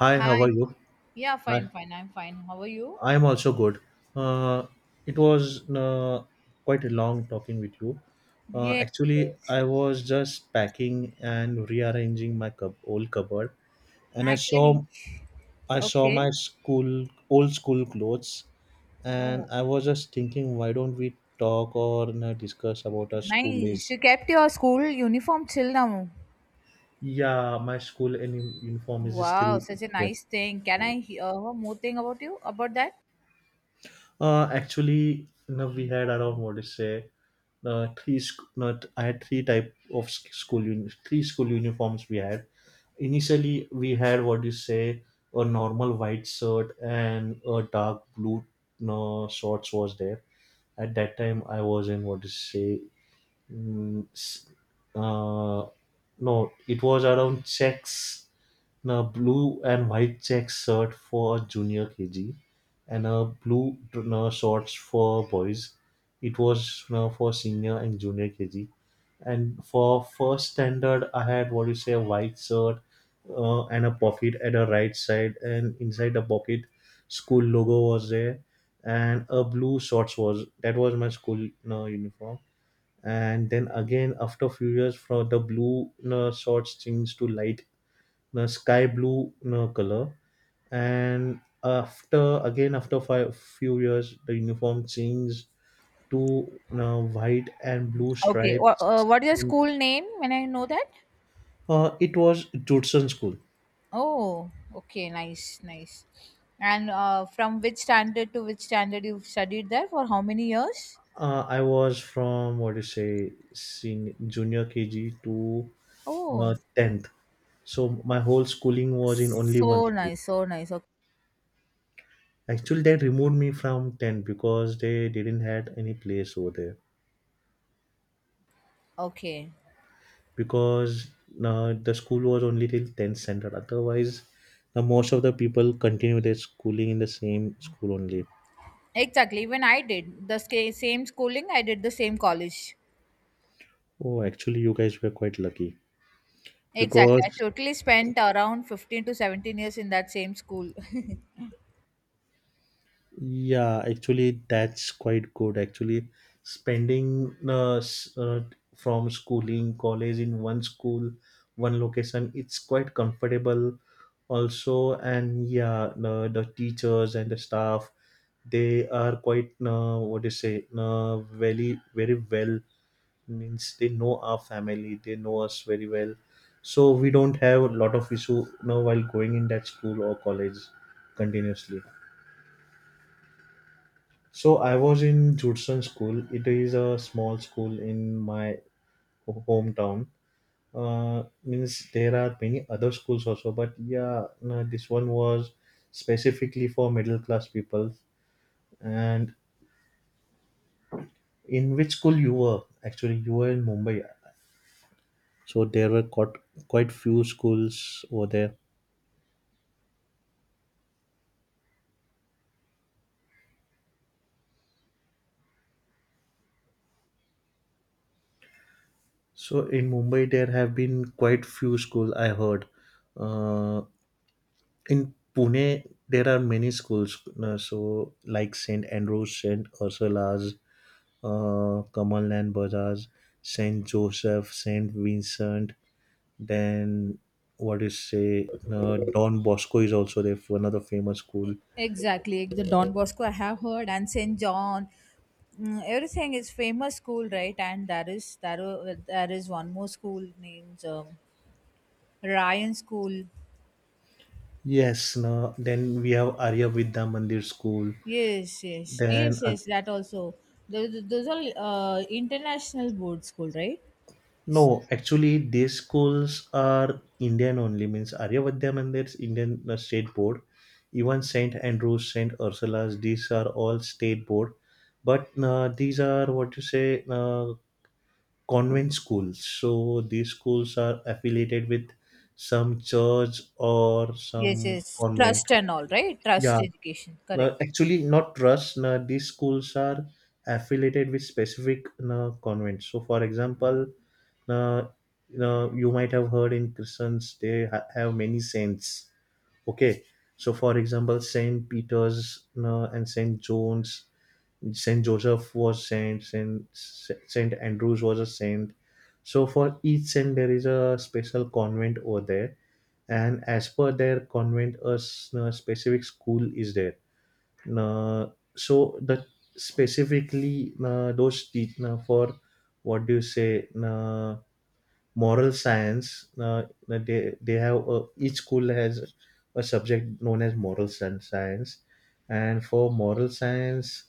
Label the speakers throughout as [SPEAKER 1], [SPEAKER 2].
[SPEAKER 1] Hi, how are
[SPEAKER 2] Hi.
[SPEAKER 1] you?
[SPEAKER 2] Yeah,
[SPEAKER 1] I
[SPEAKER 2] fine, fine. I'm fine. How are you?
[SPEAKER 1] I am also good. Uh, it was Quite a long talking with you. Uh,
[SPEAKER 2] Yes.
[SPEAKER 1] actually, I was just packing and rearranging my old cupboard, and I
[SPEAKER 2] Actually,
[SPEAKER 1] saw I saw
[SPEAKER 2] okay.
[SPEAKER 1] my school old school clothes, and
[SPEAKER 2] Oh,
[SPEAKER 1] I was just thinking, why don't we talk or discuss about our school
[SPEAKER 2] nice.
[SPEAKER 1] days?
[SPEAKER 2] You kept your school uniform till now.
[SPEAKER 1] Yeah, my school uniform is
[SPEAKER 2] Wow,
[SPEAKER 1] still
[SPEAKER 2] such a
[SPEAKER 1] there.
[SPEAKER 2] nice thing. Can I hear more thing about you about that?
[SPEAKER 1] We had around what to say. Three sc- not I had three school uniforms we had. Initially, we had what do you say a normal white shirt and a dark blue shorts was there. At that time, I was in what do you say Mm, s- uh, no, it was around checks, and a blue and white check shirt for junior KG, and a blue shorts for boys. It was for senior and junior KG, and for first standard, I had what you say a white shirt, and a pocket at the right side, and inside the pocket, school logo was there, and a blue shorts was that was my school uniform. And then again after a few years from the blue shorts changed to light sky blue color, and after five few years the uniform changed to white and blue
[SPEAKER 2] Okay. Wha-
[SPEAKER 1] stripes,
[SPEAKER 2] Uh, what is your
[SPEAKER 1] and
[SPEAKER 2] school name when I know that?
[SPEAKER 1] it was Judson school.
[SPEAKER 2] Oh, okay, nice, nice. And from which standard to which standard you've studied there for how many years?
[SPEAKER 1] I was from what do you say senior, junior KG to
[SPEAKER 2] Oh,
[SPEAKER 1] 10th, so my whole schooling was in only one
[SPEAKER 2] so
[SPEAKER 1] school.
[SPEAKER 2] nice, so nice. Okay.
[SPEAKER 1] Actually, they removed me from 10 because they didn't had any place over there.
[SPEAKER 2] Okay.
[SPEAKER 1] Because the school was only till 10th standard. Otherwise, most of the people continue their schooling in the same school only.
[SPEAKER 2] Exactly. Even I did the same schooling, I did the same college.
[SPEAKER 1] Oh, actually, you guys were quite lucky.
[SPEAKER 2] Exactly. I
[SPEAKER 1] Because,
[SPEAKER 2] totally spent around 15 to 17 years in that same school.
[SPEAKER 1] yeah, actually, that's quite good. Actually, spending from schooling, college in one school, one location, it's quite comfortable also. And yeah, no, the teachers and the staff, they are quite what do you say very very well, means they know our family, they know us very well, so we don't have a lot of issue now while going in that school or college continuously. So I was in Judson school, it is a small school in my hometown. Means there are many other schools also, but yeah, no, this one was specifically for middle class people. And in which school you were? Actually, you were in Mumbai, so there were quite few schools over there. So in Mumbai, there have been quite few schools, I heard. Uh, in Pune, there are many schools. So like Saint Andrews, Saint Ursula's, Kamalland Bazaars, Saint Joseph, Saint Vincent. Then what is say Don Bosco is also there, another famous school.
[SPEAKER 2] Exactly. Like The Don Bosco I have heard and St. John. Mm, everything is famous school, right? And there is one more school named Ryan School.
[SPEAKER 1] Yes, no, then we have Arya Vidya Mandir School.
[SPEAKER 2] Yes, yes.
[SPEAKER 1] Then
[SPEAKER 2] Yes, yes, that also. Those are international board school, right?
[SPEAKER 1] No, actually these schools are Indian only. Means Arya Vidya Mandir is Indian state board. Even Saint Andrews, Saint Ursula's, these are all state board. But these are what you say convent schools. So these schools are affiliated with some church or
[SPEAKER 2] Yes,
[SPEAKER 1] some
[SPEAKER 2] yes.
[SPEAKER 1] convent.
[SPEAKER 2] Trust and all, right? Trust
[SPEAKER 1] Yeah,
[SPEAKER 2] education. Correct.
[SPEAKER 1] no, actually not trust. No, these schools are affiliated with specific, no, convents. So for example, no, no, you might have heard in Christians they have many saints. Okay, so for example, Saint Peter's, no, and Saint John's, Saint Joseph was saint, Saint Andrews was a saint. So for each saint, there is a special convent over there, and as per their convent, a specific school is there. Uh, so the specifically those te- For what do you say? Moral science, they have each school has a subject known as moral science, and for moral science,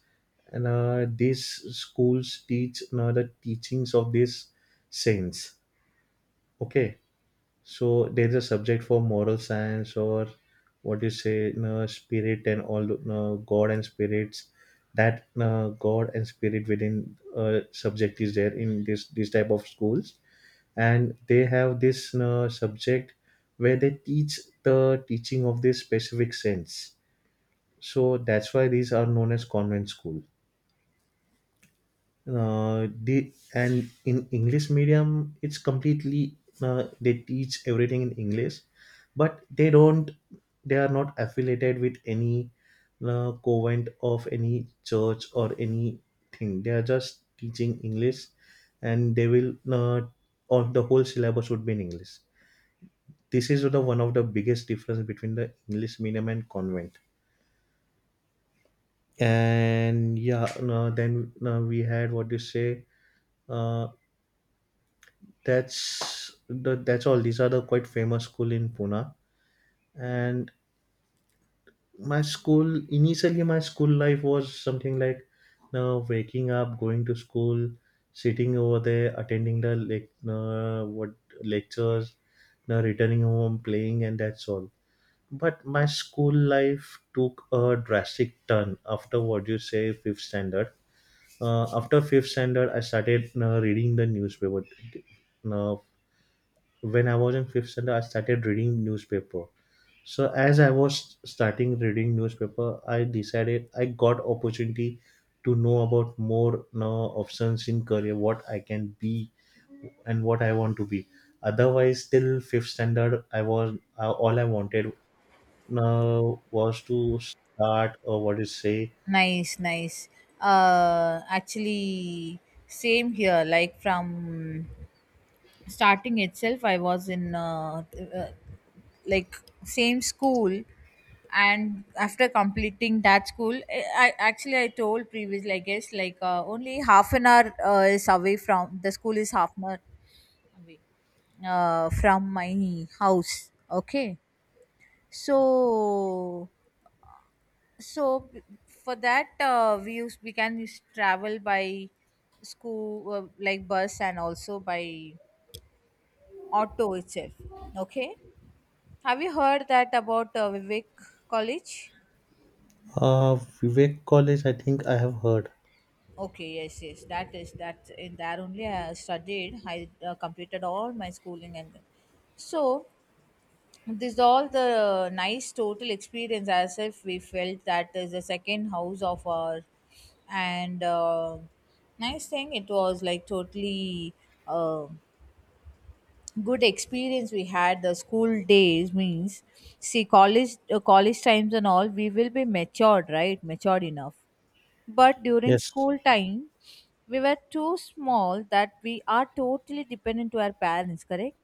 [SPEAKER 1] and these schools teach, you know, the teachings of these saints. Okay, so there's a subject for moral science or what do you say, you know, spirit and all, you know, god and spirits, that god and spirit within subject is there in this type of schools, and they have this subject where they teach the teaching of this specific sense. So that's why these are known as convent school. The and in English medium, it's completely they teach everything in English. But they don't, they are not affiliated with any convent of any church or anything, they are just teaching English, and they will all the whole syllabus would be in English. This is the one of the biggest difference between the English medium and convent. And yeah, no, then no, we had what you say. Uh, that's all. These are the quite famous school in Pune. And my school initially, my school life was something like now waking up, going to school, sitting over there, attending the lec- what lectures, now returning home, playing, and that's all. But my school life took a drastic turn after what you say, fifth standard. After fifth standard, I started reading the newspaper. Uh, when I was in fifth standard, I started reading newspaper. So as I was starting reading newspaper, I decided, I got opportunity to know about more options in career, what I can be and what I want to be. Otherwise, till fifth standard, I was all I wanted now was to start or what is say
[SPEAKER 2] Nice, nice. Actually, same here. Like from starting itself, I was in uh, like same school, and after completing that school, I actually I told previously, I guess like only half an hour is away from the school, is half an hour away from my house. Okay, so for that we can use travel by school like bus and also by auto itself. Okay, have you heard that about Vivek College?
[SPEAKER 1] uh Vivek College I think I have heard.
[SPEAKER 2] Okay, yes, yes, that is that, in there only I studied, I completed all my schooling, and so this is all the nice total experience, as if we felt that is the second house of our. And nice thing, it was like totally uh, good experience we had. The school days means, see, college college times and all, we will be matured, right, matured enough, but during
[SPEAKER 1] Yes,
[SPEAKER 2] school time we were too small, that we are totally dependent to our parents, correct?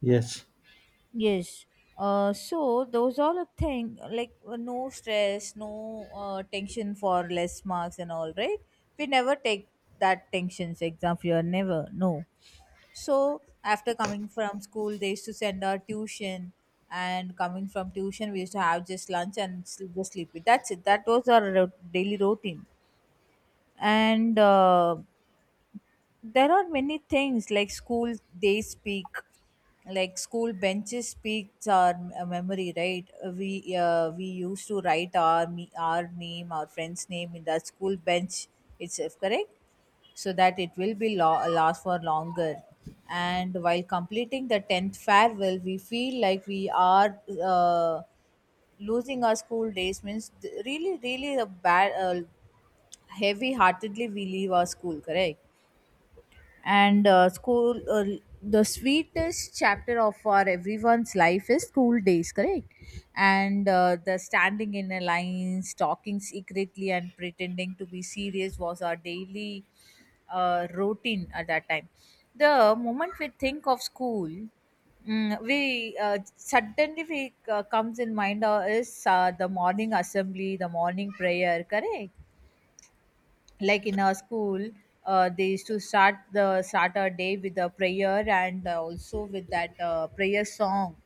[SPEAKER 1] yes.
[SPEAKER 2] Yes. So those all a thing like no stress, no tension for less marks and all, right? We never take that tensions, exam fear, never, no. So after coming from school, they used to send our tuition, and coming from tuition, we used to have just lunch and sleep, go sleep. That's it. That was our daily routine. And there are many things like school, they speak, like school benches speaks our memory, right? We used to write our our name, our friend's name in the school bench itself, correct? So that it will be last for longer. And while completing the 10th farewell, we feel like we are losing our school days, means really, really a bad, heavy heartedly we leave our school, correct? And school the sweetest chapter of our everyone's life is school days, correct? And the standing in a lines, talking secretly and pretending to be serious was our daily routine at that time. The moment we think of school, mm, we suddenly we comes in mind is the morning assembly, the morning prayer, correct? Like in our school, they used to start the start our day with a prayer, and also with that prayer song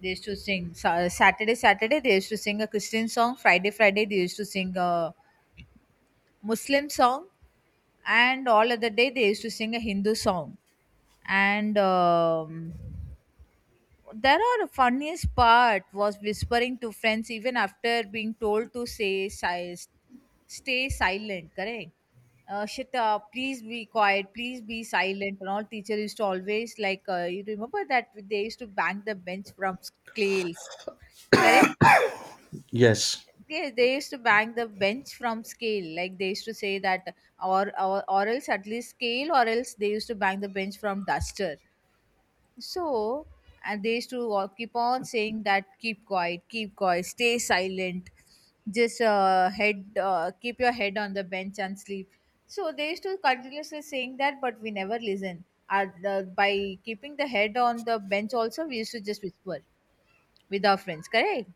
[SPEAKER 2] they used to sing. Saturday, Saturday they used to sing a Christian song. Friday, Friday they used to sing a Muslim song, and all other day they used to sing a Hindu song. And there are funniest part was whispering to friends even after being told to say stay silent, correct? Shit up, please be quiet, please be silent, and all teacher used to always like you remember that they used to bang the bench from scales, correct?
[SPEAKER 1] yes
[SPEAKER 2] Yeah, they used to bang the bench from scale, like they used to say that, or else at least scale, or else they used to bang the bench from duster. So, and they used to all keep on saying that, keep quiet, stay silent, just head, keep your head on the bench and sleep. So they used to continuously saying that, but we never listen. And, the, by keeping the head on the bench, also we used to just whisper with our friends, correct?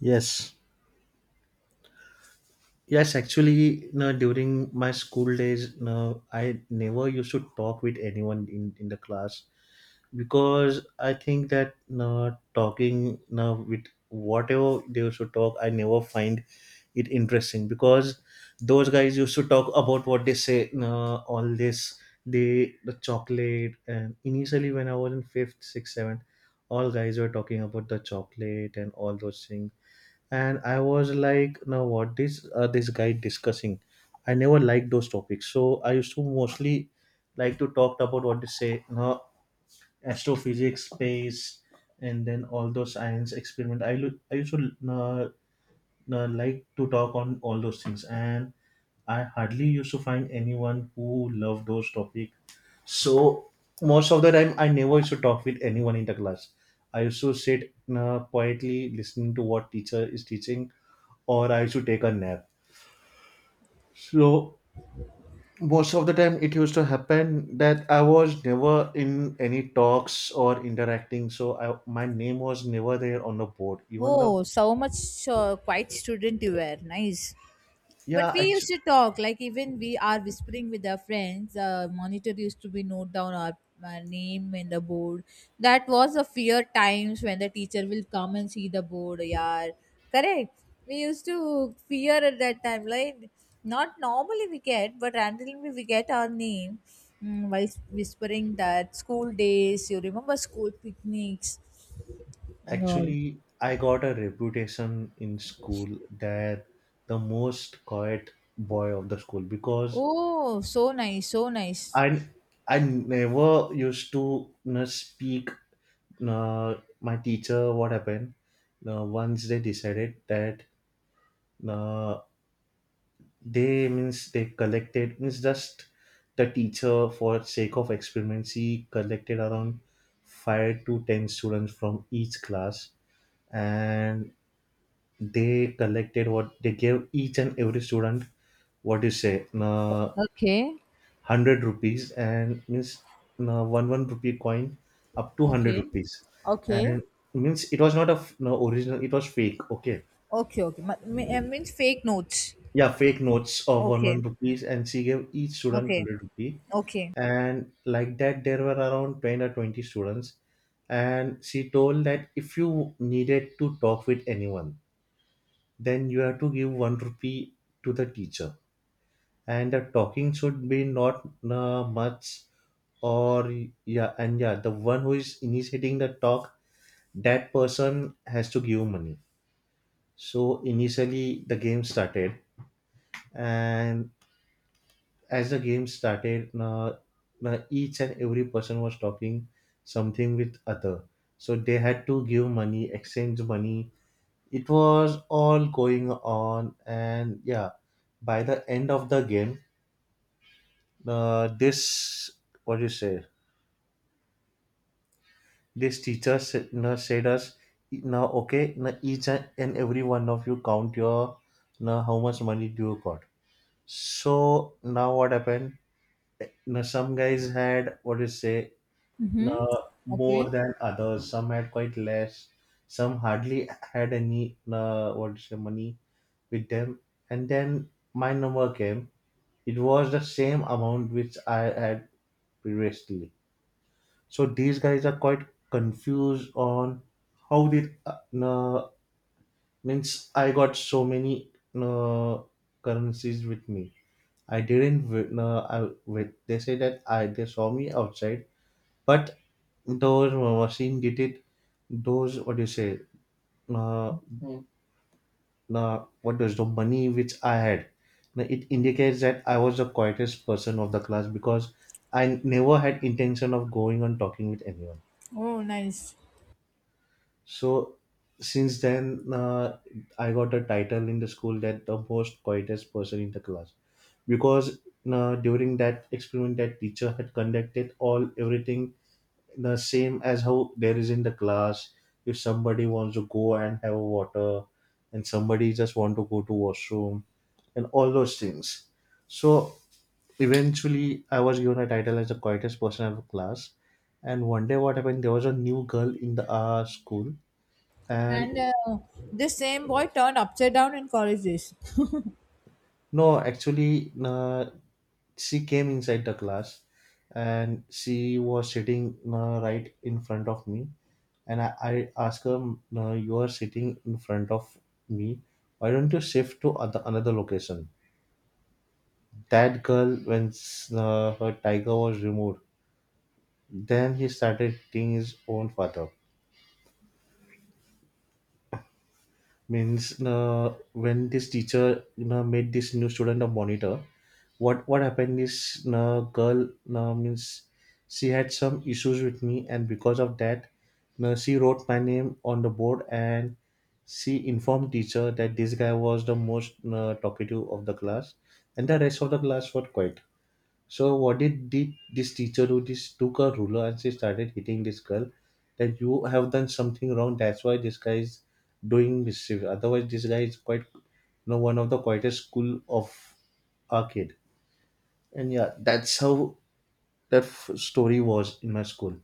[SPEAKER 1] yes yes actually, no, during my school days, no, I never used to talk with anyone in the class, because I think that talking now with whatever they used to talk, I never find it interesting, because those guys used to talk about what they say, all this, the chocolate. And initially when I was in fifth, sixth, seventh, all guys were talking about the chocolate and all those things, and I was like, now what this this guy discussing? I never liked those topics, so I used to mostly like to talk about what they say. No, astrophysics, space, and then all those science experiment. I used to like to talk on all those things, and I hardly used to find anyone who loved those topic. So most of the time, I never used to talk with anyone in the class. I used to sit quietly listening to what teacher is teaching, or I used to take a nap. So most of the time it used to happen that I was never in any talks or interacting, so I, my name was never there on the board even the
[SPEAKER 2] Oh, so much quiet student you were. Nice. But
[SPEAKER 1] yeah
[SPEAKER 2] we
[SPEAKER 1] act-
[SPEAKER 2] used to talk, like even we are whispering with our friends. Monitor used to be note down our name in the board. That was a fear times when the teacher will come and see the board. Yeah, correct. We used to fear at that time. Like not normally we get, but randomly we get our name, mm, while whispering that school days. You remember school picnics and all?
[SPEAKER 1] actually I got a reputation in school that the most quiet boy of the school, because
[SPEAKER 2] Oh, so nice, so nice.
[SPEAKER 1] i I never used to, you know, speak. uh, my teacher what happened, once they decided that uh, they means they collected means just the teacher for sake of experiment she collected around 5 to 10 students from each class, and they collected what they gave each and every student what you say
[SPEAKER 2] Okay.
[SPEAKER 1] 100 rupees, and means one rupee coin up to 100
[SPEAKER 2] Okay.
[SPEAKER 1] rupees,
[SPEAKER 2] Okay.
[SPEAKER 1] and means it was not a f- no, original, it was fake. Okay,
[SPEAKER 2] Okay, okay. I mean fake notes.
[SPEAKER 1] yeah, fake notes of one
[SPEAKER 2] Okay.
[SPEAKER 1] rupees, and she gave each student
[SPEAKER 2] Okay.
[SPEAKER 1] 100 rupee.
[SPEAKER 2] Okay.
[SPEAKER 1] And like that there were around 10 or 20 students, and she told that if you needed to talk with anyone, then you have to give 1 rupee to the teacher, and the talking should be not much, or yeah, and yeah, the one who is initiating the talk, that person has to give money. So initially the game started, and as the game started each and every person was talking something with other, so they had to give money, exchange money. It was all going on. And yeah, by the end of the game, this what do you say this teacher said, you know, said us, now okay, now each and every one of you count your now how much money do you got. So now what happened, now some guys had what do you say
[SPEAKER 2] Mm-hmm.
[SPEAKER 1] uh, more
[SPEAKER 2] Okay.
[SPEAKER 1] than others. Some had quite less. Some hardly had any what's the money with them. And then my number came. It was the same amount which I had previously. So these guys are quite confused on how did uh, means I got so many uh, currencies with me. I didn't. They say that I they saw me outside, but those machine did it, those what do you say, uh, what does the money which I had now it indicates that I was the quietest person of the class, because I never had intention of going on talking with anyone.
[SPEAKER 2] Oh, nice.
[SPEAKER 1] So since then, I got a title in the school that the most quietest person in the class, because during that experiment that teacher had conducted all everything the same as how there is in the class. If somebody wants to go and have water and somebody just want to go to washroom and all those things. So eventually I was given a title as the quietest person of the class. And one day what happened, there was a new girl in the school. And
[SPEAKER 2] And this same boy turned upside down in college days.
[SPEAKER 1] no, actually, she came inside the class and she was sitting right in front of me. And I asked her, no, you are sitting in front of me. Why don't you shift to other, another location? That girl, when her tiger was removed, then he started hitting his own father. Means when this teacher, you know, made this new student a monitor, what what happened is girl, means she had some issues with me, and because of that she wrote my name on the board and she informed teacher that this guy was the most talkative of the class and the rest of the class were quiet. So what did this teacher do? This took a ruler and she started hitting this girl. That you have done something wrong. That's why this guy is doing mischief. Otherwise, this guy is quite, you know, one of the quietest school of our kid. And yeah, that's how story was in my school.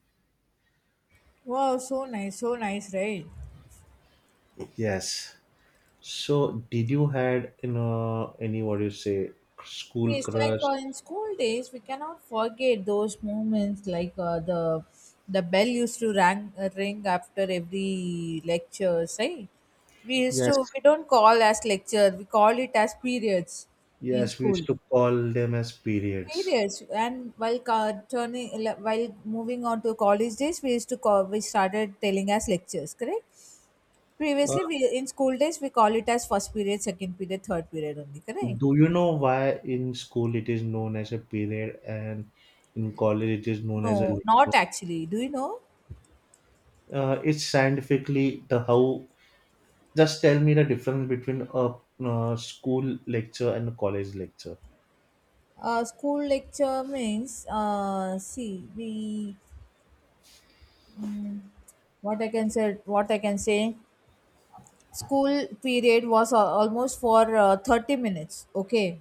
[SPEAKER 2] Wow, so nice, right?
[SPEAKER 1] Yes. So did you had, you know, any what do you say school
[SPEAKER 2] It's like
[SPEAKER 1] crush?
[SPEAKER 2] in school days, we cannot forget those moments, like the bell used to rang, ring after every lecture, right? We used
[SPEAKER 1] Yes.
[SPEAKER 2] to, we don't call as lecture, we call it as periods in
[SPEAKER 1] Yes, we
[SPEAKER 2] school.
[SPEAKER 1] used to call them as periods.
[SPEAKER 2] Periods, and while turning, while moving on to college days, we used to call, we started telling as lectures, correct? Previously, we in school days, we call it as first period, second period, third period only, correct?
[SPEAKER 1] Do you know why in school it is known as a period and in college it is known as a
[SPEAKER 2] No, not
[SPEAKER 1] lecture?
[SPEAKER 2] actually. Do you know?
[SPEAKER 1] It's scientifically the how. Just tell me the difference between a school lecture and a college lecture.
[SPEAKER 2] School lecture means, see, we, mm, what I can say, what I can say, school period was almost for 30 minutes, okay.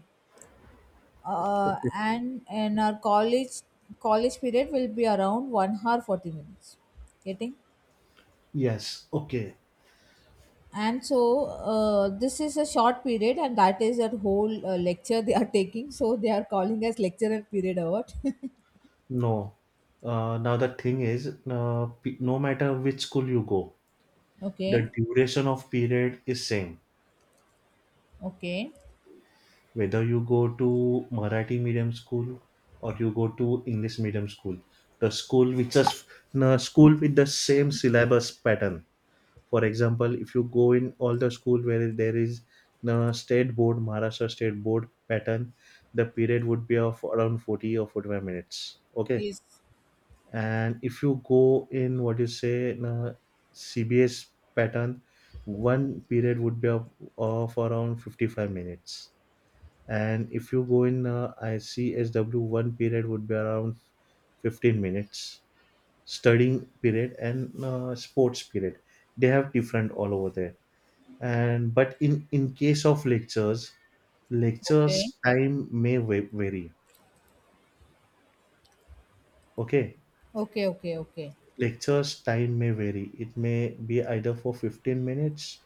[SPEAKER 1] Okay.
[SPEAKER 2] And in our college, college period will be around 1 hour 40 minutes, getting.
[SPEAKER 1] Yes, okay.
[SPEAKER 2] And so this is a short period, and that is that whole lecture they are taking, so they are calling as lecture and period award.
[SPEAKER 1] No. Now the thing is, no matter which school you go,
[SPEAKER 2] Okay,
[SPEAKER 1] the duration of period is same.
[SPEAKER 2] okay,
[SPEAKER 1] Whether you go to Marathi medium school or you go to English medium school, the school which is the school with the same syllabus pattern. For example, if you go in all the school where there is the state board, Maharashtra state board pattern, the period would be of around 40 or 45 minutes. Okay.
[SPEAKER 2] yes,
[SPEAKER 1] And if you go in what you say in a CBS pattern, one period would of around 55 minutes. And if you go in ICSW, one period would be around 15 minutes, studying period and sports period. They have different all over there. And but in case of lectures,
[SPEAKER 2] okay.
[SPEAKER 1] lectures time may vary. Okay,
[SPEAKER 2] Okay, okay, okay,
[SPEAKER 1] lectures time may vary. It may be either for 15 minutes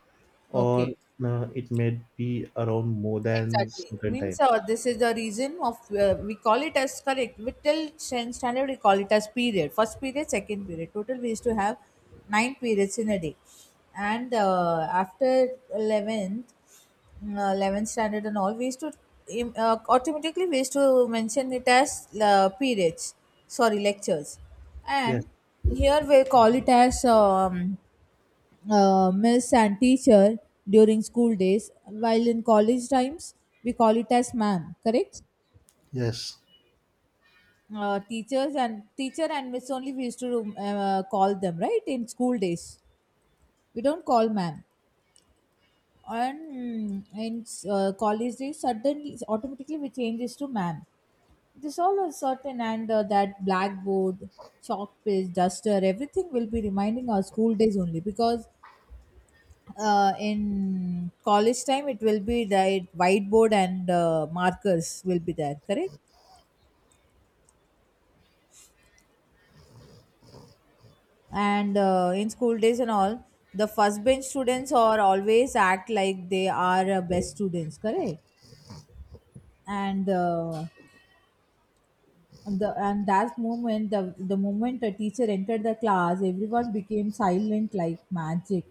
[SPEAKER 1] or
[SPEAKER 2] okay.
[SPEAKER 1] it may be around more than
[SPEAKER 2] Exactly.
[SPEAKER 1] certain
[SPEAKER 2] Means
[SPEAKER 1] time.
[SPEAKER 2] this is the reason of we call it as, correct. We till 10th standard we call it as period. First period, second period. Total we used to have nine periods in a day, and after 11th, mm, 11th standard and all, we used to automatically we used to mention it as periods. Sorry, lectures,
[SPEAKER 1] Yes,
[SPEAKER 2] and here we call it as miss and teacher during school days, while in college times we call it as ma'am, correct?
[SPEAKER 1] yes.
[SPEAKER 2] Teachers and teacher and miss only we used to call them, right, in school days. We don't call ma'am. And, mm, in college days, suddenly automatically we changes to ma'am. This all a certain. And that blackboard, chalk paste, duster, everything will be reminding our school days only, because in college time it will be right whiteboard and markers will be there, correct? And in school days and all, the first bench students are always act like they are best students, correct? And the and that moment, the moment a teacher entered the class, everyone became silent like magic.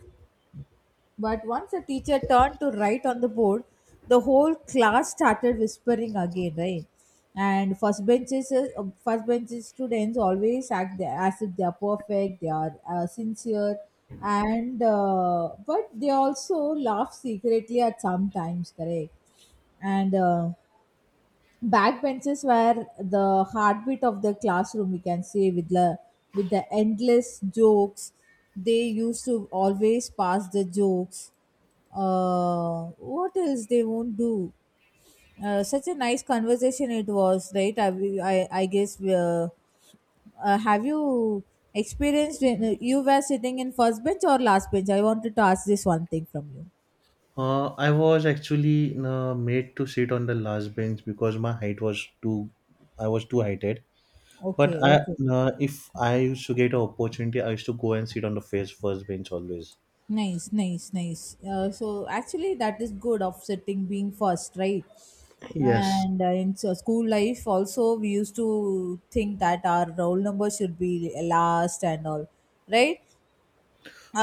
[SPEAKER 2] But once the teacher turned to write on the board, the whole class started whispering again, right? And first benches students always act as if they are perfect, they are sincere, and but they also laugh secretly at some times, correct? And backbenches were the heartbeat of the classroom, we can say, with the endless jokes. They used to always pass the jokes. What else they won't do? Such a nice conversation it was, right? I guess. Have you experienced when you were sitting in first bench or last bench? I wanted to ask this one thing from you.
[SPEAKER 1] I was actually made to sit on the last bench because my height was too, I was too heighted. But
[SPEAKER 2] Okay,
[SPEAKER 1] I,
[SPEAKER 2] okay.
[SPEAKER 1] if I used to get an opportunity, I used to go and sit on the first bench always.
[SPEAKER 2] Nice, nice, nice. So actually, that is good offsetting being first, right?
[SPEAKER 1] Yes.
[SPEAKER 2] And in so school life, also we used to think that our roll number should be last and all, right?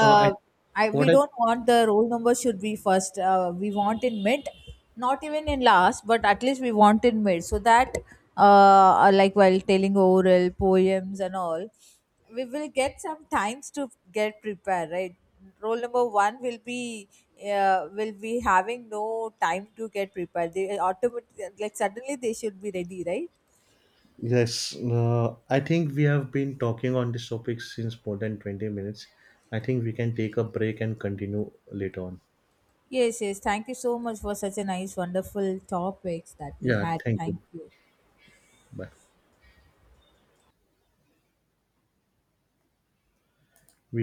[SPEAKER 1] I
[SPEAKER 2] I, we
[SPEAKER 1] what I
[SPEAKER 2] don't want the roll number should be first. We want in mid, not even in last, but at least we want in mid, so that uh, like while telling oral poems and all, we will get some times to get prepared. Right, roll number one will be having no time to get prepared. They automatically like suddenly they should be ready. Right.
[SPEAKER 1] Yes. I think we have been talking on this topic since more than 20 minutes. I think we can take a break and continue later on.
[SPEAKER 2] Yes, yes. Thank you so much for such a nice, wonderful topics that we
[SPEAKER 1] Yeah.
[SPEAKER 2] had.
[SPEAKER 1] Thank
[SPEAKER 2] Thank
[SPEAKER 1] you.
[SPEAKER 2] you.
[SPEAKER 1] Bye.